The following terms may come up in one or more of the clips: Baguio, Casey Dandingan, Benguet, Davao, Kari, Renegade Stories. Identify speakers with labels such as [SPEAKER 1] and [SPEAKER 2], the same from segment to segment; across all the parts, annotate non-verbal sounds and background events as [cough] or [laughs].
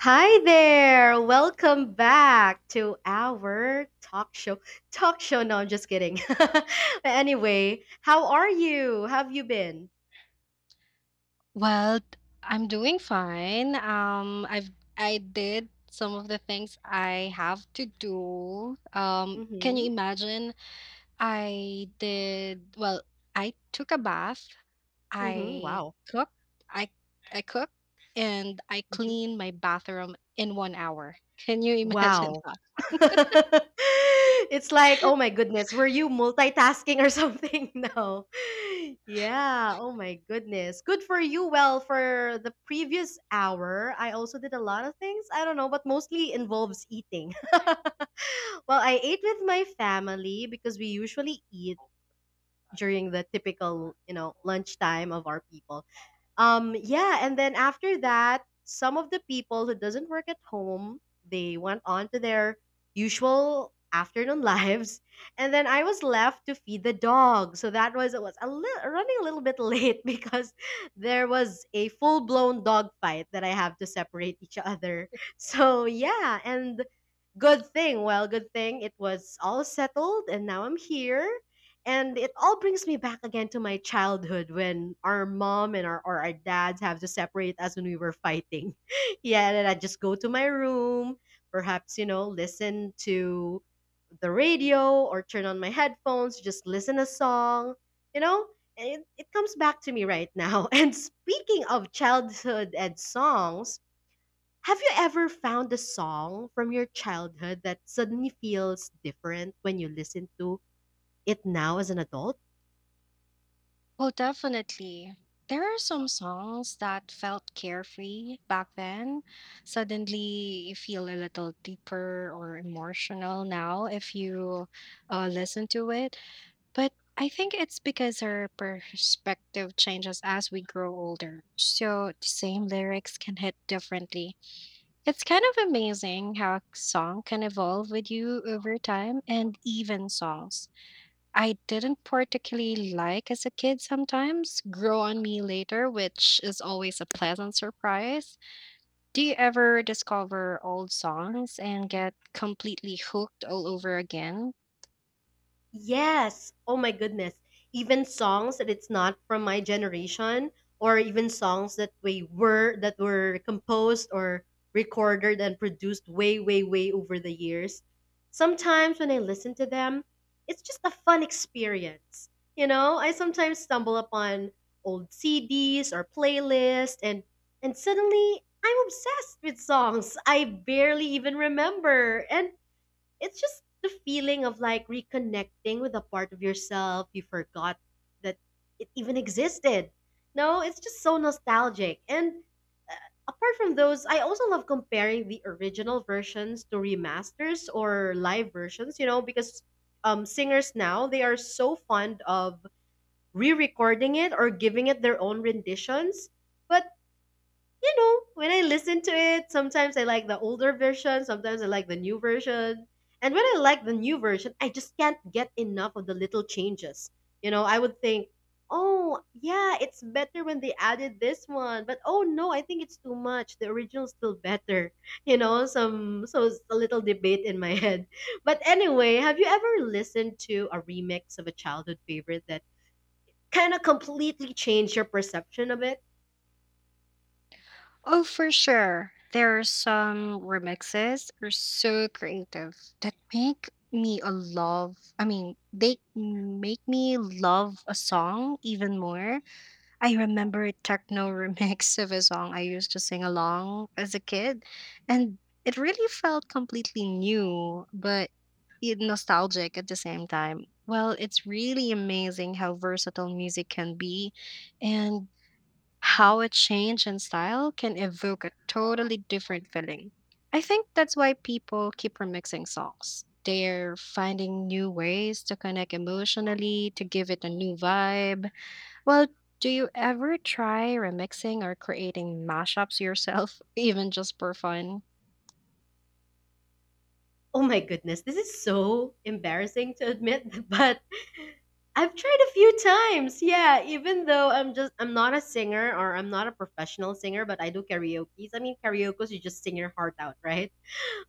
[SPEAKER 1] Hi there. Welcome back to our talk show. Talk show. No, I'm just kidding. [laughs] Anyway, how are you? Have you been?
[SPEAKER 2] Well, I'm doing fine. I did some of the things I have to do. Can you
[SPEAKER 1] Mhm.
[SPEAKER 2] imagine? I did well, I took a bath,
[SPEAKER 1] Mhm.
[SPEAKER 2] I
[SPEAKER 1] Wow.
[SPEAKER 2] cooked, I I cooked and I
[SPEAKER 1] Mhm.
[SPEAKER 2] cleaned my bathroom in 1 hour. Can you imagine
[SPEAKER 1] Wow.
[SPEAKER 2] [laughs] that?
[SPEAKER 1] [laughs] It's like, oh my goodness, were you multitasking or something? [laughs] No. Yeah, oh my goodness. Good for you. Well, for the previous hour, I also did a lot of things. I don't know, but mostly involves eating. [laughs] [laughs] Well, I ate with my family because we usually eat during the typical, lunchtime of our people. Yeah, and then after that, some of the people who doesn't work at home, they went on to their usual afternoon [laughs] lives, and then I was left to feed the dog. So that was it was a little running a little bit late [laughs] because there was a full blown dog fight that I have to separate each other. [laughs] So yeah, and good thing, well, good thing it was all settled, and now I'm here, and it all brings me back again to my childhood when our mom and our or our dads have to separate us when we were fighting. [laughs] Yeah, and then I just go to my room, perhaps, you know, listen to the radio or turn on my headphones, just listen a song, you know? And it comes back to me right now. [laughs] And speaking of childhood and songs, have you ever found a song from your childhood that suddenly feels different when you listen to it now as an adult?
[SPEAKER 2] Well, definitely. There are some songs that felt carefree back then. Suddenly, you feel a little deeper or emotional now if you listen to it. But I think it's because our perspective changes as we grow older. So the same lyrics can hit differently. It's kind of amazing how a song can evolve with you over time and even songs. I didn't particularly like as a kid sometimes grow on me later, which is always a pleasant surprise. Do you ever discover old songs and get completely hooked all over again?
[SPEAKER 1] Yes. Oh my goodness. Even songs that it's not from my generation, or even songs that we were that were composed or recorded and produced way way way over the years. Sometimes when I listen to them, it's just a fun experience. You know, I sometimes stumble upon old CDs or playlists and suddenly I'm obsessed with songs I barely even remember. And it's just the feeling of like reconnecting with a part of yourself you forgot that it even existed. No, it's just so nostalgic. And uh, apart from those, I also love comparing the original versions to remasters or live versions, you know, because singers now, they are so fond of re recording it or giving it their own renditions. But you know, when I listen to it, sometimes I like the older version, sometimes I like the new version. And when I like the new version, I just can't get enough of the little changes. You know, I would think, oh, yeah, it's better when they added this one. But oh no, I think it's too much. The original's still better. [laughs] You know, some so it's a little debate in my [laughs] head. But anyway, have you ever listened to a remix of a childhood favorite that kind of completely changed your perception of it?
[SPEAKER 2] Oh, for sure. There are some remixes that are so creative that make me a love. I mean, they make me love a song even more. I remember a techno remix [laughs] of a song I used to sing along as a kid, and it really felt completely new, but yet nostalgic at the same time. Well, it's really amazing how versatile music can be and how a change in style can evoke a totally different feeling. I think that's why people keep remixing songs. They're finding new ways to connect emotionally, to give it a new vibe. Well, do you ever try remixing or creating mashups yourself, [laughs] even just for fun?
[SPEAKER 1] Oh my goodness, this is so embarrassing to admit, [laughs] but I've tried a few times. Yeah, even though I'm not a singer or I'm not a professional singer, but I do karaoke. I mean, karaoke you just sing your heart out, right?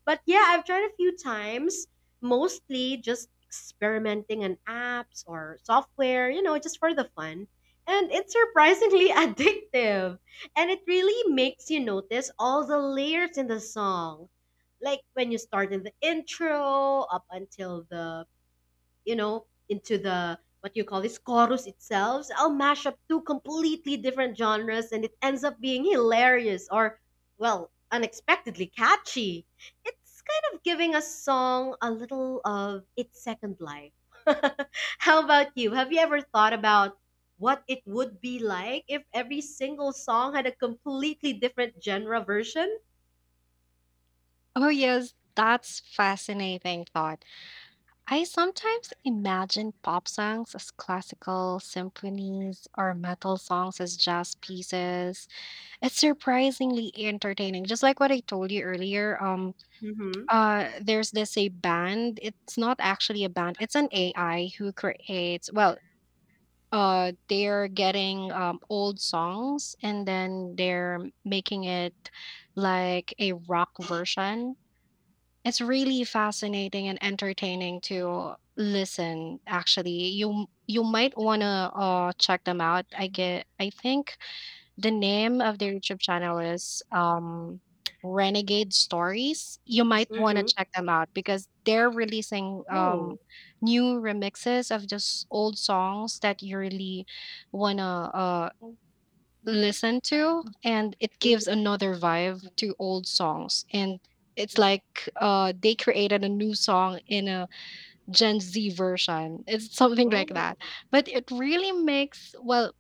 [SPEAKER 1] But yeah, I've tried a few times, mostly just experimenting on apps or software, you know, just for the fun. And it's surprisingly [laughs] addictive. And it really makes you notice all the layers in the song. Like when you start in the intro, up until the you know, into the what you call this chorus itself. So I'll mash up two completely different genres and it ends up being hilarious or, well, unexpectedly catchy. It's kind of giving a song a little of its second life. [laughs] How about you? Have you ever thought about what it would be like if every single song had a completely different genre version?
[SPEAKER 2] Oh, yes, that's fascinating thought. I sometimes imagine pop songs as classical symphonies or metal songs as jazz pieces. It's surprisingly entertaining. Just like what I told you earlier,
[SPEAKER 1] Mm-hmm.
[SPEAKER 2] there's this a band, it's not actually a band, it's an AI who creates, well, they're getting old songs and then they're making it like a rock version. It's really fascinating and entertaining to listen. Actually, you might wanna check them out. I get. I think the name of their YouTube channel is, Renegade Stories. You might wanna
[SPEAKER 1] Mm-hmm.
[SPEAKER 2] check them out because they're releasing,
[SPEAKER 1] Oh.
[SPEAKER 2] new remixes of just old songs that you really wanna, listen to, and it gives
[SPEAKER 1] Hmm.
[SPEAKER 2] another vibe to old songs, and it's like, they created a new song in a Gen Z version. It's something like
[SPEAKER 1] Oh.
[SPEAKER 2] that, but it really makes. Well,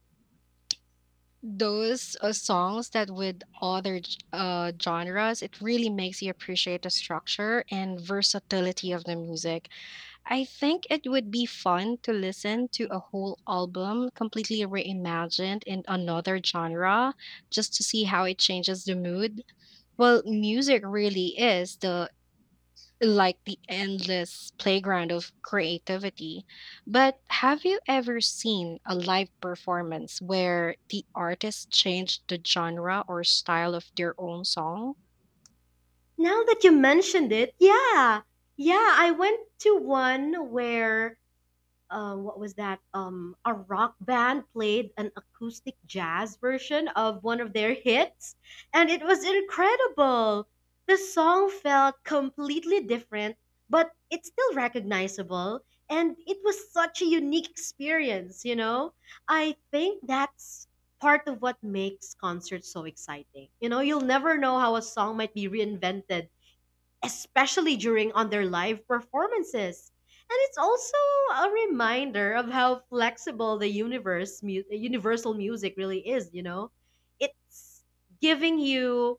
[SPEAKER 2] those songs that with other genres, it really makes you appreciate the structure and versatility of the music. I think it would be fun to listen to a whole album completely reimagined in another genre just to see how it changes the mood. Well, music really is the like the endless playground of creativity. But have you ever seen a live performance where the artist changed the genre or style of their own song?
[SPEAKER 1] Now that you mentioned it, yeah. Yeah, I went to one where what was that? A rock band played an acoustic jazz version of one of their hits, and it was incredible. The song felt completely different, but it's still recognizable, and it was such a unique experience, you know? I think that's part of what makes concerts so exciting. You know, you'll never know how a song might be reinvented, especially during on their live performances. And it's also a reminder of how flexible the universal music really is, you know. It's giving you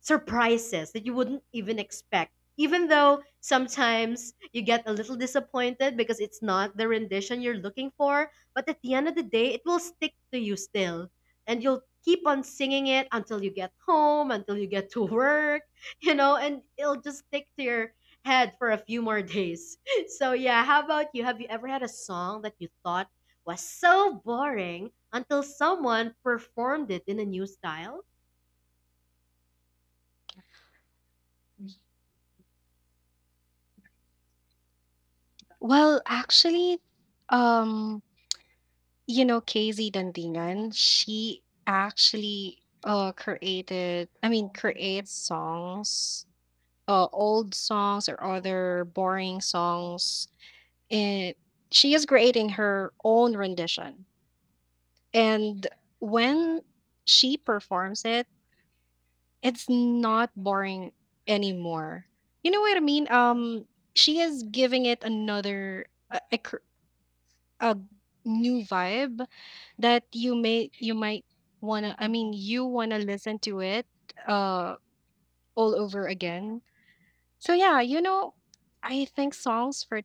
[SPEAKER 1] surprises that you wouldn't even expect. Even though sometimes you get a little disappointed because it's not the rendition you're looking for, but at the end of the day, it will stick to you still. And you'll keep on singing it until you get home, until you get to work, [laughs] you know, and it'll just stick to your head for a few more days. [laughs] So, yeah, how about you? Have you ever had a song that you thought was so boring until someone performed it in a new style?
[SPEAKER 2] Well, actually, um, you know, Casey Dandingan, she actually created, I mean, creates songs, old songs or other boring songs. And she is creating her own rendition. And when she performs it, it's not boring anymore. You know what I mean? She is giving it another a, a, cr- a new vibe that you might wanna. I mean, you wanna listen to it uh all over again. So yeah, you know, I think songs for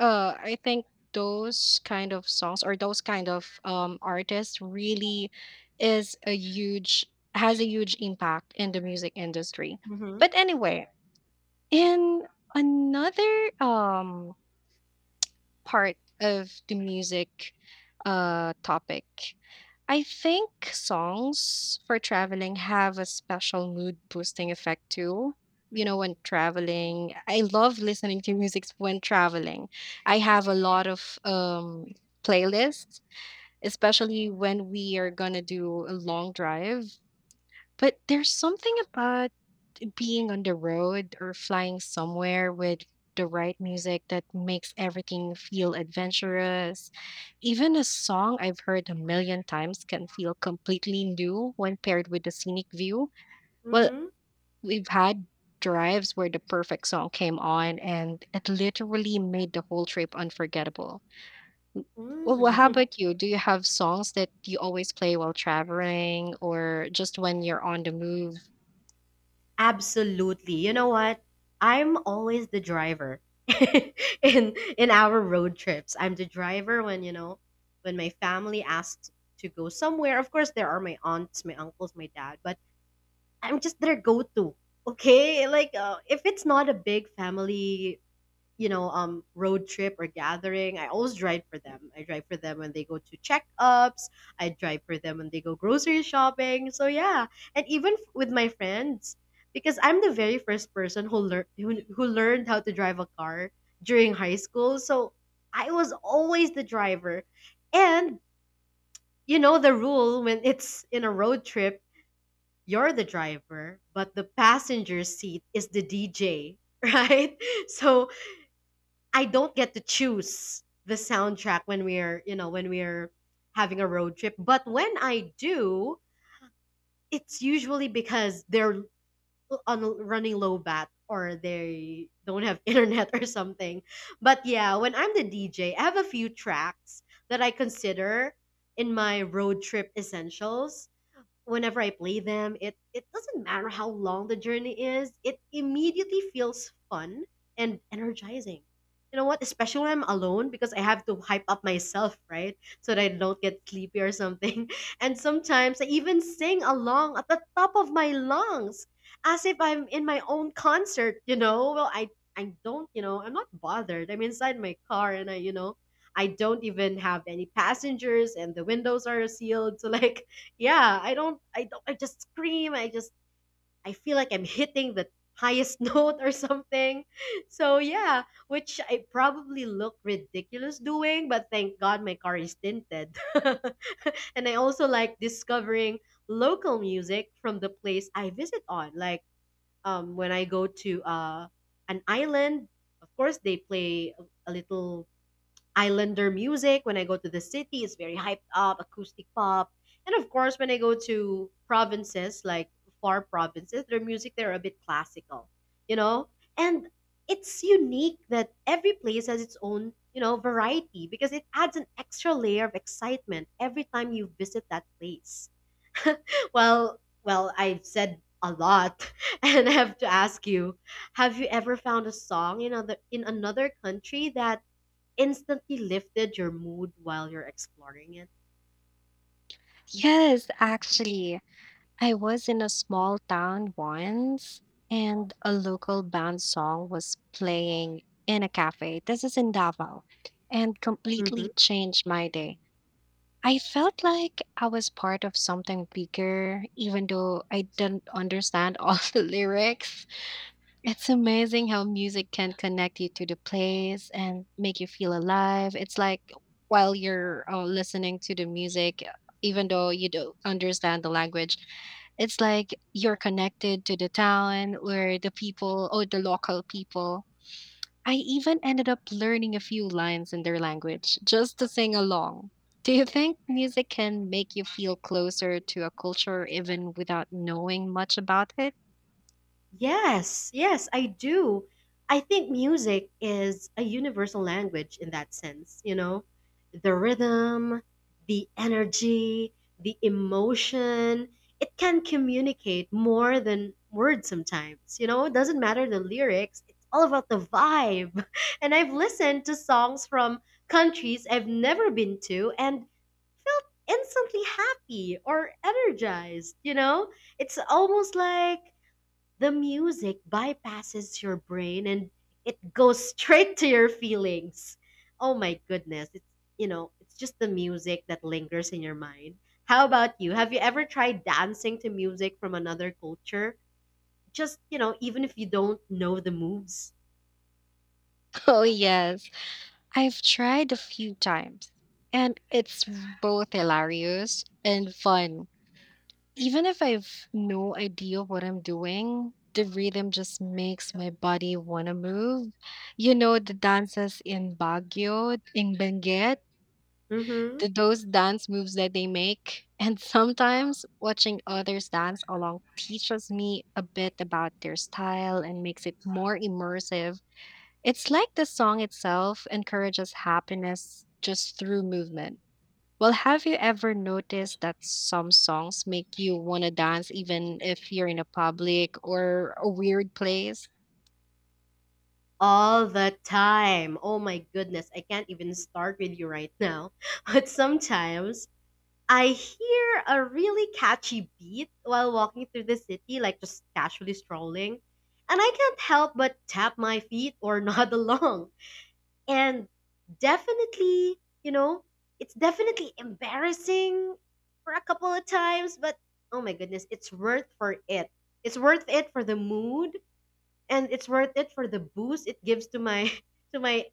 [SPEAKER 2] I think those kind of songs or those kind of artists really is a huge has a huge impact in the music industry.
[SPEAKER 1] Mm hmm.
[SPEAKER 2] But anyway, in another part of the music topic. I think songs for traveling have a special mood boosting effect too. You know, when traveling, I love listening to music when traveling. I have a lot of playlists, especially when we are going to do a long drive. But there's something about being on the road or flying somewhere with the right music that makes everything feel adventurous. Even a song I've heard a million times can feel completely new when paired with the scenic view.
[SPEAKER 1] Mm
[SPEAKER 2] Well,
[SPEAKER 1] hmm.
[SPEAKER 2] we've had drives where the perfect song came on and it literally made the whole trip unforgettable. Well, how
[SPEAKER 1] Mm.
[SPEAKER 2] about you? Do you have songs that you always play while traveling or just when you're on the move?
[SPEAKER 1] [laughs] Absolutely. You know what? I'm always the driver [laughs] in our road trips. I'm the driver when, you know, when my family asks to go somewhere. Of course, there are my aunts, my uncles, my dad, but I'm just their go-to. Okay? Like if it's not a big family, you know, road trip or gathering, I always drive for them. I drive for them when they go to checkups. I drive for them when they go grocery shopping. So yeah, and even with my friends, because I'm the very first person who learned who learned how to drive a car during high school. So I was always the driver, and you know the rule when it's in a road trip, you're the driver, but the passenger seat is the DJ, [laughs] right? So I don't get to choose the soundtrack when we're, you know, when we're having a road trip. But when I do, it's usually because they're on running low bat or they don't have [laughs] internet or something. But yeah, when I'm the DJ, I have a few tracks that I consider in my road trip essentials whenever I play them, it doesn't matter how long the journey is, it immediately feels fun and energizing. You know what? Especially when I'm alone because I have to hype up myself, right? So that I don't get sleepy or something. [laughs] And sometimes I even sing along at the top of my lungs as if I'm in my own concert, you know? Well, I don't, you know, I'm not bothered. I'm inside my car and I, you know, I don't even have any passengers and the windows are sealed. So [laughs] like yeah, I don't, I just scream, I just I feel like I'm hitting the highest [laughs] note or something. So yeah, which I probably look ridiculous doing, but thank god my car is tinted. [laughs] And I also like discovering local music from the place I visit on like when I go to an island, of course they play a little islander music. When I go to the city, it's very hyped up, acoustic pop. And of course, when I go to provinces, like far provinces, their music, they're a bit classical, you know? And it's unique that every place has its own, you know, variety because it adds an extra layer of excitement every time you visit that place. Well, well, I've said a lot [laughs] and I have to ask you, have you ever found a song in another country that instantly lifted your mood while you're exploring it?
[SPEAKER 2] Yes, actually. I was in a small town once and a local band song was playing in a cafe. This is in Davao and completely
[SPEAKER 1] Hmm.
[SPEAKER 2] changed my day. I felt like I was part of something bigger, even though I didn't understand all [laughs] the lyrics. It's amazing how music can connect you to the place and make you feel alive. It's like while you're listening to the music, even though you don't understand the language, it's like you're connected to the town or the people or the local people. I even ended up learning a few lines in their language just to sing along. Do you think music can make you feel closer to a culture even without knowing much about it? [laughs]
[SPEAKER 1] Yes, yes, I do. I think music is a universal language in that sense, you know? The rhythm, the energy, the emotion, it can communicate more than words sometimes, you know? It doesn't matter the lyrics, it's all about the vibe. [laughs] And I've listened to songs from countries I've never been to, and instantly happy or energized, you know? It's almost like the music bypasses your brain and it goes [laughs] straight to your feelings. Oh my goodness. It's, you know, it's just the music that lingers in your mind. How about you? Have you ever tried dancing to music from another culture? Just, you know, even if you don't know the moves.
[SPEAKER 2] Oh, yes. I've tried a few times, and it's both hilarious and fun. Even if I've no idea what I'm doing, the rhythm just makes my body want to move. You know, the dances in Baguio, in Benguet,
[SPEAKER 1] Mm-hmm.
[SPEAKER 2] those dance moves that they make. [laughs] And sometimes watching others dance along teaches me a bit about their style and makes it more immersive. It's like the song itself encourages happiness just through movement. Well, have you ever noticed that some songs make you want to dance even if you're in a public or a weird place?
[SPEAKER 1] All the time. Oh my goodness. I can't even start with you right now. [laughs] But sometimes I hear a really catchy beat while walking through the city, like just casually strolling. And I can't help but tap my feet or [laughs] nod along. And definitely, you know, it's definitely embarrassing for a couple of times, but oh my goodness, it's worth for it. It's worth it for the mood and it's worth it for the boost it gives to my [laughs] to my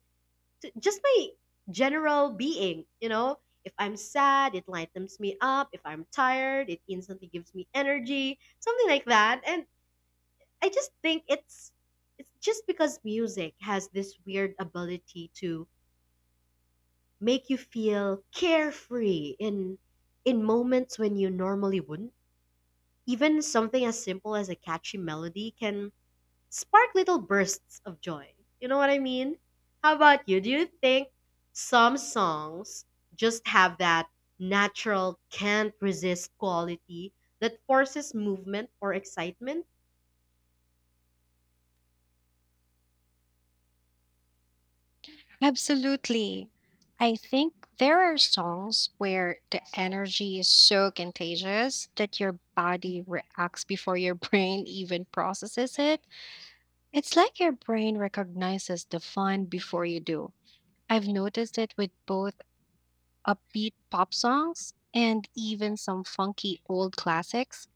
[SPEAKER 1] just my general being, you know. If I'm sad, it lightens me up. If I'm tired, it instantly gives me energy. Something like that. And I just think it's just because music has this weird ability to make you feel carefree in moments when you normally wouldn't. Even something as simple as a catchy melody can spark little bursts of joy. You know what I mean? How about you? Do you think some songs just have that natural, can't resist quality that forces movement or excitement?
[SPEAKER 2] Absolutely. I think there are songs where the energy is so contagious that your body reacts before your [laughs] brain even processes it. It's like your brain recognizes the fun before you do. I've noticed it with both upbeat pop songs, and even some funky old classics,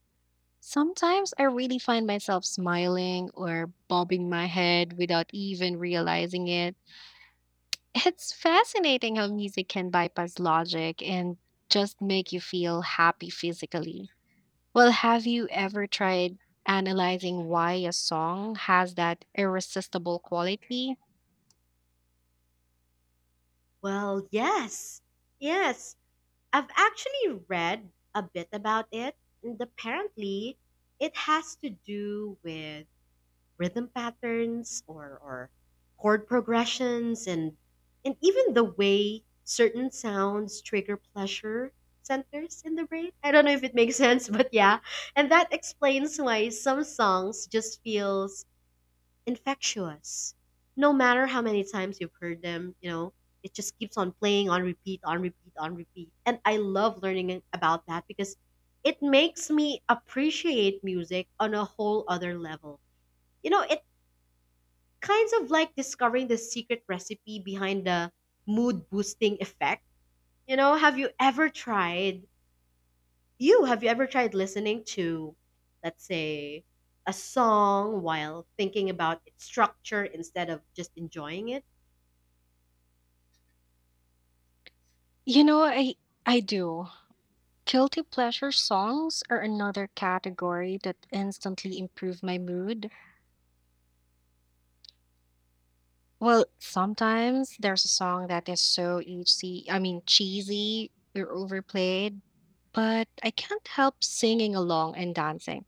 [SPEAKER 2] sometimes I really find myself smiling or bobbing my head without even realizing it. [laughs] It's fascinating how music can bypass logic and just make you feel happy physically. Well, have you ever tried analyzing why a song has that irresistible quality?
[SPEAKER 1] Well, yes. Yes. I've actually read a bit about it, and apparently, it has to do with rhythm patterns or chord progressions and even the way certain sounds trigger pleasure centers in the brain. I don't know if it makes [laughs] sense, but yeah. And that explains why some songs just feels infectious. No matter how many times you've heard them, you know, it just keeps on playing on repeat, on repeat, on repeat. And I love learning about that because it makes me appreciate music on a whole other level. You know, it kinds of like discovering the secret recipe behind the mood boosting effect. You know, have you ever tried listening to, let's say, a song while thinking about its structure instead of just enjoying it?
[SPEAKER 2] You know, I do. Guilty pleasure songs are another category that instantly improve my mood. Well, sometimes there's a song that is so easy, I mean, cheesy or overplayed, but I can't help singing along and dancing.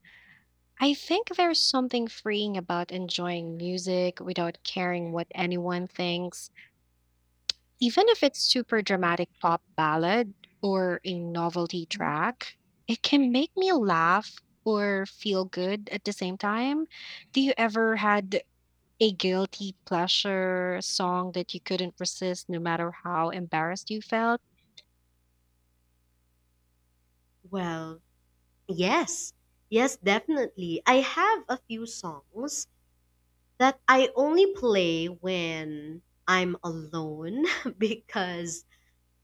[SPEAKER 2] I think there's something freeing about enjoying music without caring what anyone thinks. Even if it's super dramatic pop ballad or a novelty track, it can make me laugh or feel good at the same time. Do you ever had a guilty pleasure song that you couldn't resist no matter how embarrassed you felt?
[SPEAKER 1] Well, yes. Yes, definitely. I have a few songs that I only play when I'm alone [laughs] because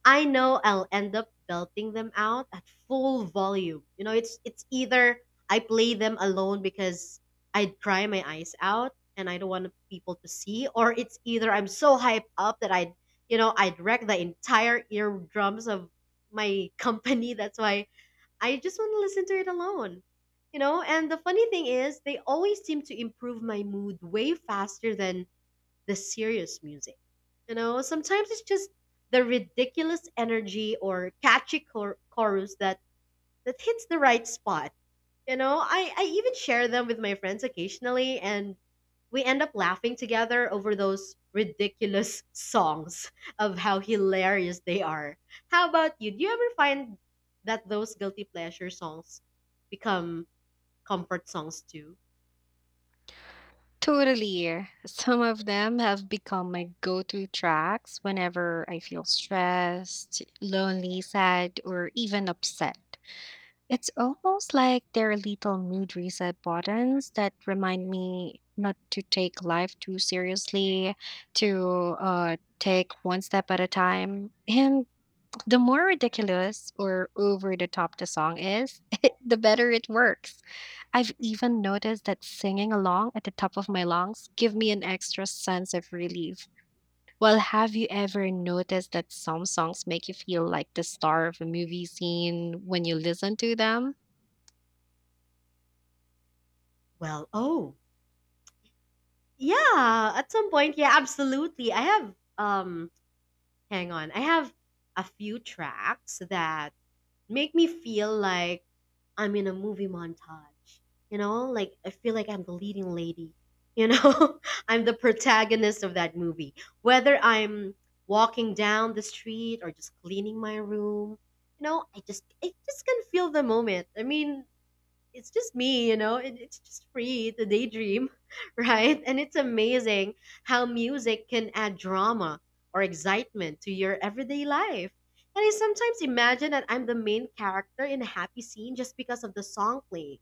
[SPEAKER 1] I know I'll end up belting them out at full volume. You know, it's either I play them alone because I'd cry my eyes out and I don't want people to see, or it's either I'm so hyped up that I'd, you know, I'd wreck the entire eardrums of my company. [laughs] That's why I just want to listen to it alone. You know, and the funny thing is, they always seem to improve my mood way faster than the serious music. You know, sometimes it's just the ridiculous energy or catchy chorus that hits the right spot. You know, I even share them with my friends occasionally, and we end up laughing together over those ridiculous [laughs] songs of how hilarious they are. How about you? Do you ever find that those guilty pleasure songs become comfort songs too?
[SPEAKER 2] Totally. Some of them have become my go to tracks whenever I feel stressed, lonely, sad, or even upset. It's almost like they're little mood reset buttons that remind me not to take life too seriously, to take one step at a time. And the more ridiculous or over the top the song is, [laughs] the better it works. I've even noticed that singing along at the top of my lungs give me an extra sense of relief. Well, have you ever noticed that some songs make you feel like the star of a movie scene when you listen to them?
[SPEAKER 1] Well, oh. Yeah, at some point, yeah, absolutely. I have hang on. I have a few tracks that make me feel like I'm in a movie montage. You know, like I feel like I'm the leading lady. You know, [laughs] I'm the protagonist of that movie. Whether I'm walking down the street or just cleaning my room, you know, I just can feel the moment. I mean, it's just me, you know, it's just free to daydream, [laughs] right? And it's amazing how music can add drama or excitement to your everyday life. And I sometimes imagine that I'm the main character in a happy scene just because of the song playing.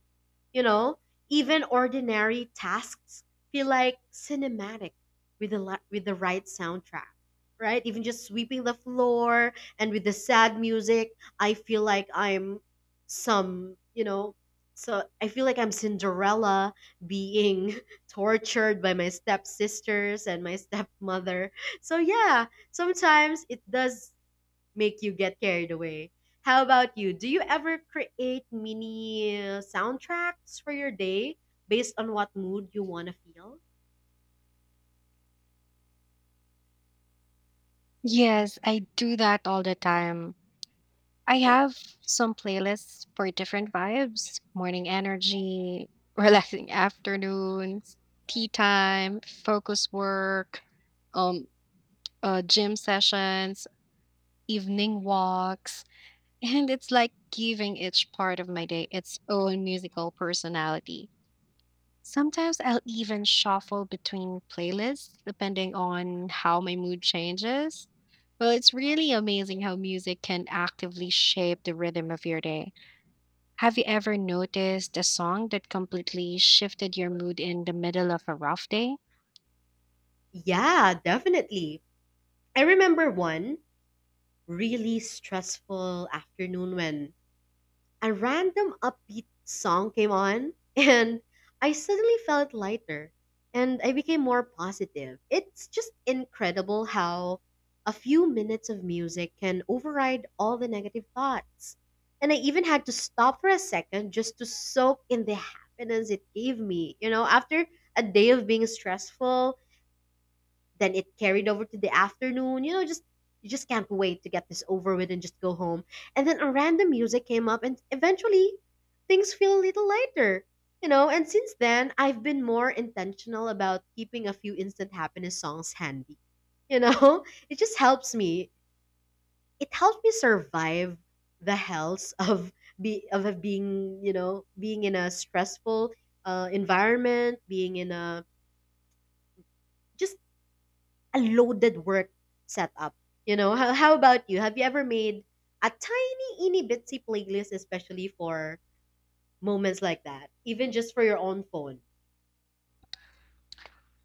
[SPEAKER 1] You know, even ordinary tasks feel like cinematic with the right soundtrack, right? Even just sweeping the floor and with the sad music, I feel like I'm some, you know, so I feel like I'm Cinderella being [laughs] tortured by my stepsisters and my stepmother. So yeah, sometimes it does make you get carried away. How about you? Do you ever create mini soundtracks for your day based on what mood you want to feel?
[SPEAKER 2] Yes, I do that all the time. I have some playlists for different vibes, morning energy, [laughs] relaxing afternoons, tea time, focus work, um gym sessions, evening walks, and it's like giving each part of my day its own musical personality. Sometimes I'll even shuffle between playlists depending on how my mood changes. Well, it's really amazing how music can actively shape the rhythm of your day. Have you ever noticed a song that completely shifted your mood in the middle of a rough day?
[SPEAKER 1] Yeah, definitely. I remember one really stressful afternoon when a random upbeat song came on [laughs] and I suddenly felt lighter and I became more positive. It's just incredible how a few minutes of music can override all the negative thoughts. And I even had to stop for a second just to soak in the happiness it gave me. You know, after a day of being stressful, then it carried over to the afternoon. You know, just you just can't wait to get this over with and just go home. And then a random music came up, and eventually things feel a little lighter. You know, and since then I've been more intentional about keeping a few instant happiness songs handy. You know, [laughs] it just helps me. It helps me survive the hells of be of being, you know, being in a stressful environment, being in a just a loaded work setup. You know, how about you? Have you ever made a tiny, itty bitsy playlist, especially for moments like that, even just for your own phone?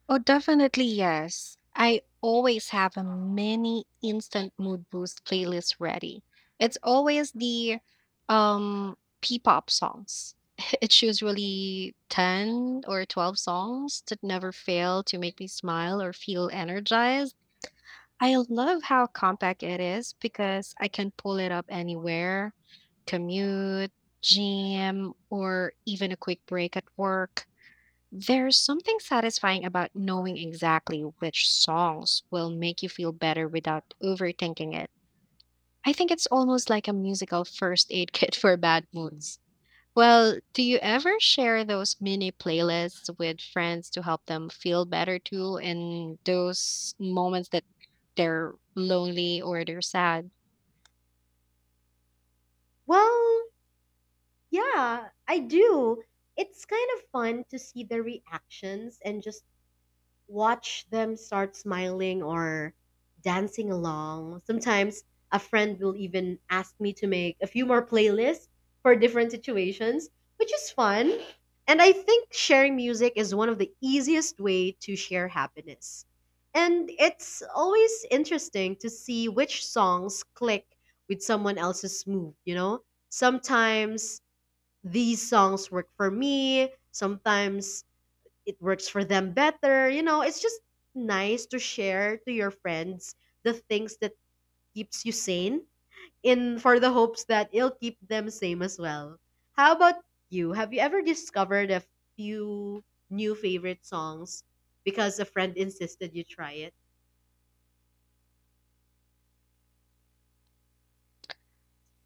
[SPEAKER 2] Oh, definitely yes. I always have a mini instant mood boost playlist ready. It's always the P-pop songs. [laughs] It's usually 10 or 12 songs that never fail to make me smile or feel energized. I love how compact it is because I can pull it up anywhere, commute, gym, or even a quick break at work. There's something satisfying about knowing exactly which songs will make you feel better without overthinking it. I think it's almost like a musical first aid [laughs] kit for bad moods. Well, do you ever share those mini playlists with friends to help them feel better too in those moments that they're lonely or they're sad?
[SPEAKER 1] Well, yeah, I do. It's kind of fun to see the reactions and just watch them start smiling or dancing along. Sometimes a friend will even ask me to make a few more playlists for different situations, which is fun. And I think sharing music is one of the easiest way to share happiness. And it's always interesting to see which songs click with someone else's mood, you know? Sometimes these songs work for me, sometimes it works for them better. You know, it's just nice to share to your friends the things that keeps you sane in for the hopes that it'll keep them same as well. How about you? Have you ever discovered a few new favorite songs because a friend insisted you try it?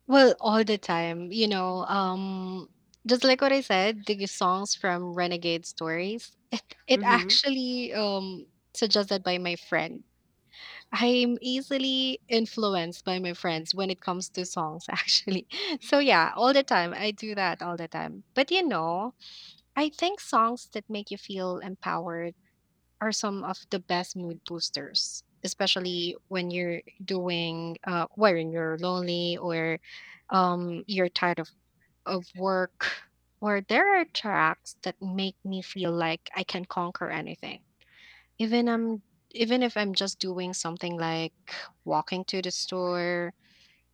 [SPEAKER 2] Well, all the time, you know, just like what I said, the songs from Renegade Stories, [laughs] it
[SPEAKER 1] Mhm.
[SPEAKER 2] actually suggested by my friend. I'm easily influenced by my friends when it comes to songs, [laughs] actually. So, yeah, all the time. I do that all the time. But, you know, I think songs that make you feel empowered are some of the best mood boosters, especially when you're doing when you're lonely or you're tired of work. Or there are tracks that make me feel like I can conquer anything. Even I'm even if I'm just doing something like walking to the store,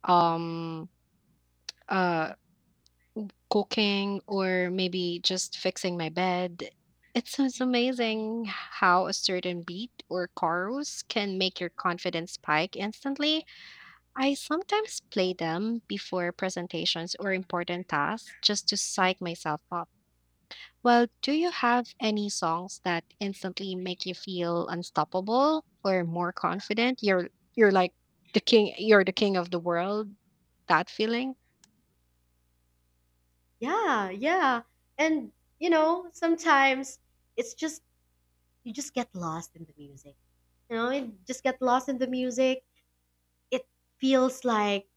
[SPEAKER 2] um uh cooking or maybe just fixing my bed. It's amazing how a certain beat or chorus can make your confidence spike instantly. I sometimes play them before presentations or important tasks just to psych myself up. Well, do you have any songs that instantly make you feel unstoppable or more confident? You're like the king of the world, that feeling?
[SPEAKER 1] Yeah, yeah. And you know, sometimes it's just you just get lost in the music. You know, you just get lost in the music. It feels like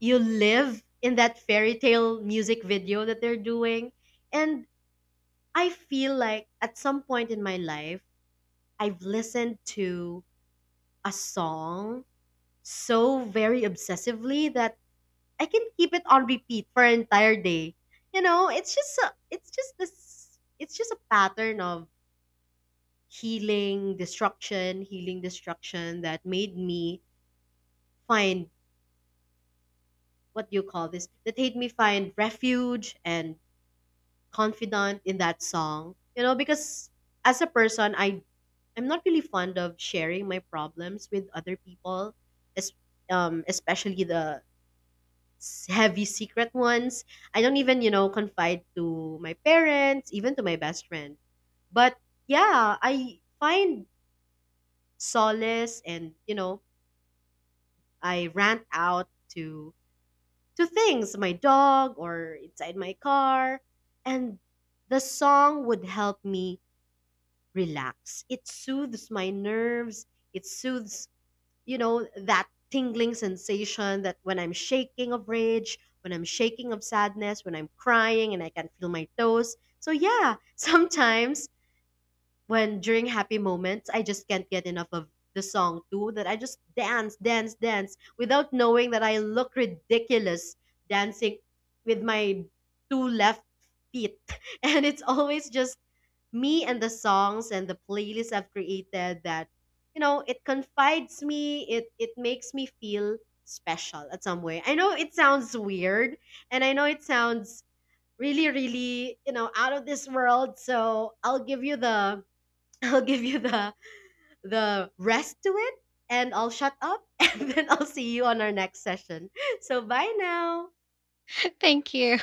[SPEAKER 1] you live in that fairy tale music video that they're doing. And I feel like at some point in my life, I've listened to a song so very obsessively that I can keep it on repeat for an entire day. You know, it's just a pattern of healing, destruction that made me find, what do you call this? That made me find refuge and confident in that song. You know, because as a person, I'm not really fond of sharing my problems with other people, es- especially the s- heavy secret ones. I don't even, you know, confide to my parents, even to my best friend. But yeah, I find solace and, you know, I rant out to to things, my dog or inside my car, and the song would help me relax. It soothes my nerves. It soothes, you know, that tingling sensation that when I'm shaking of rage, when I'm shaking of sadness, when I'm crying and I can feel my toes. So yeah, [laughs] sometimes when during happy moments, I just can't get enough of the song too that I just dance, dance, dance without knowing that I look ridiculous dancing with my two left feet. [laughs] And it's always just me and the songs and the playlist I've created that, you know, it confides me, it makes me feel special at some way. I know it sounds weird and I know it sounds really really, you know, out of this world, so I'll give you the [laughs] I'll give you the rest to it and I'll shut up [laughs] and then I'll see you on our next session, so bye now.
[SPEAKER 2] [laughs] Thank you.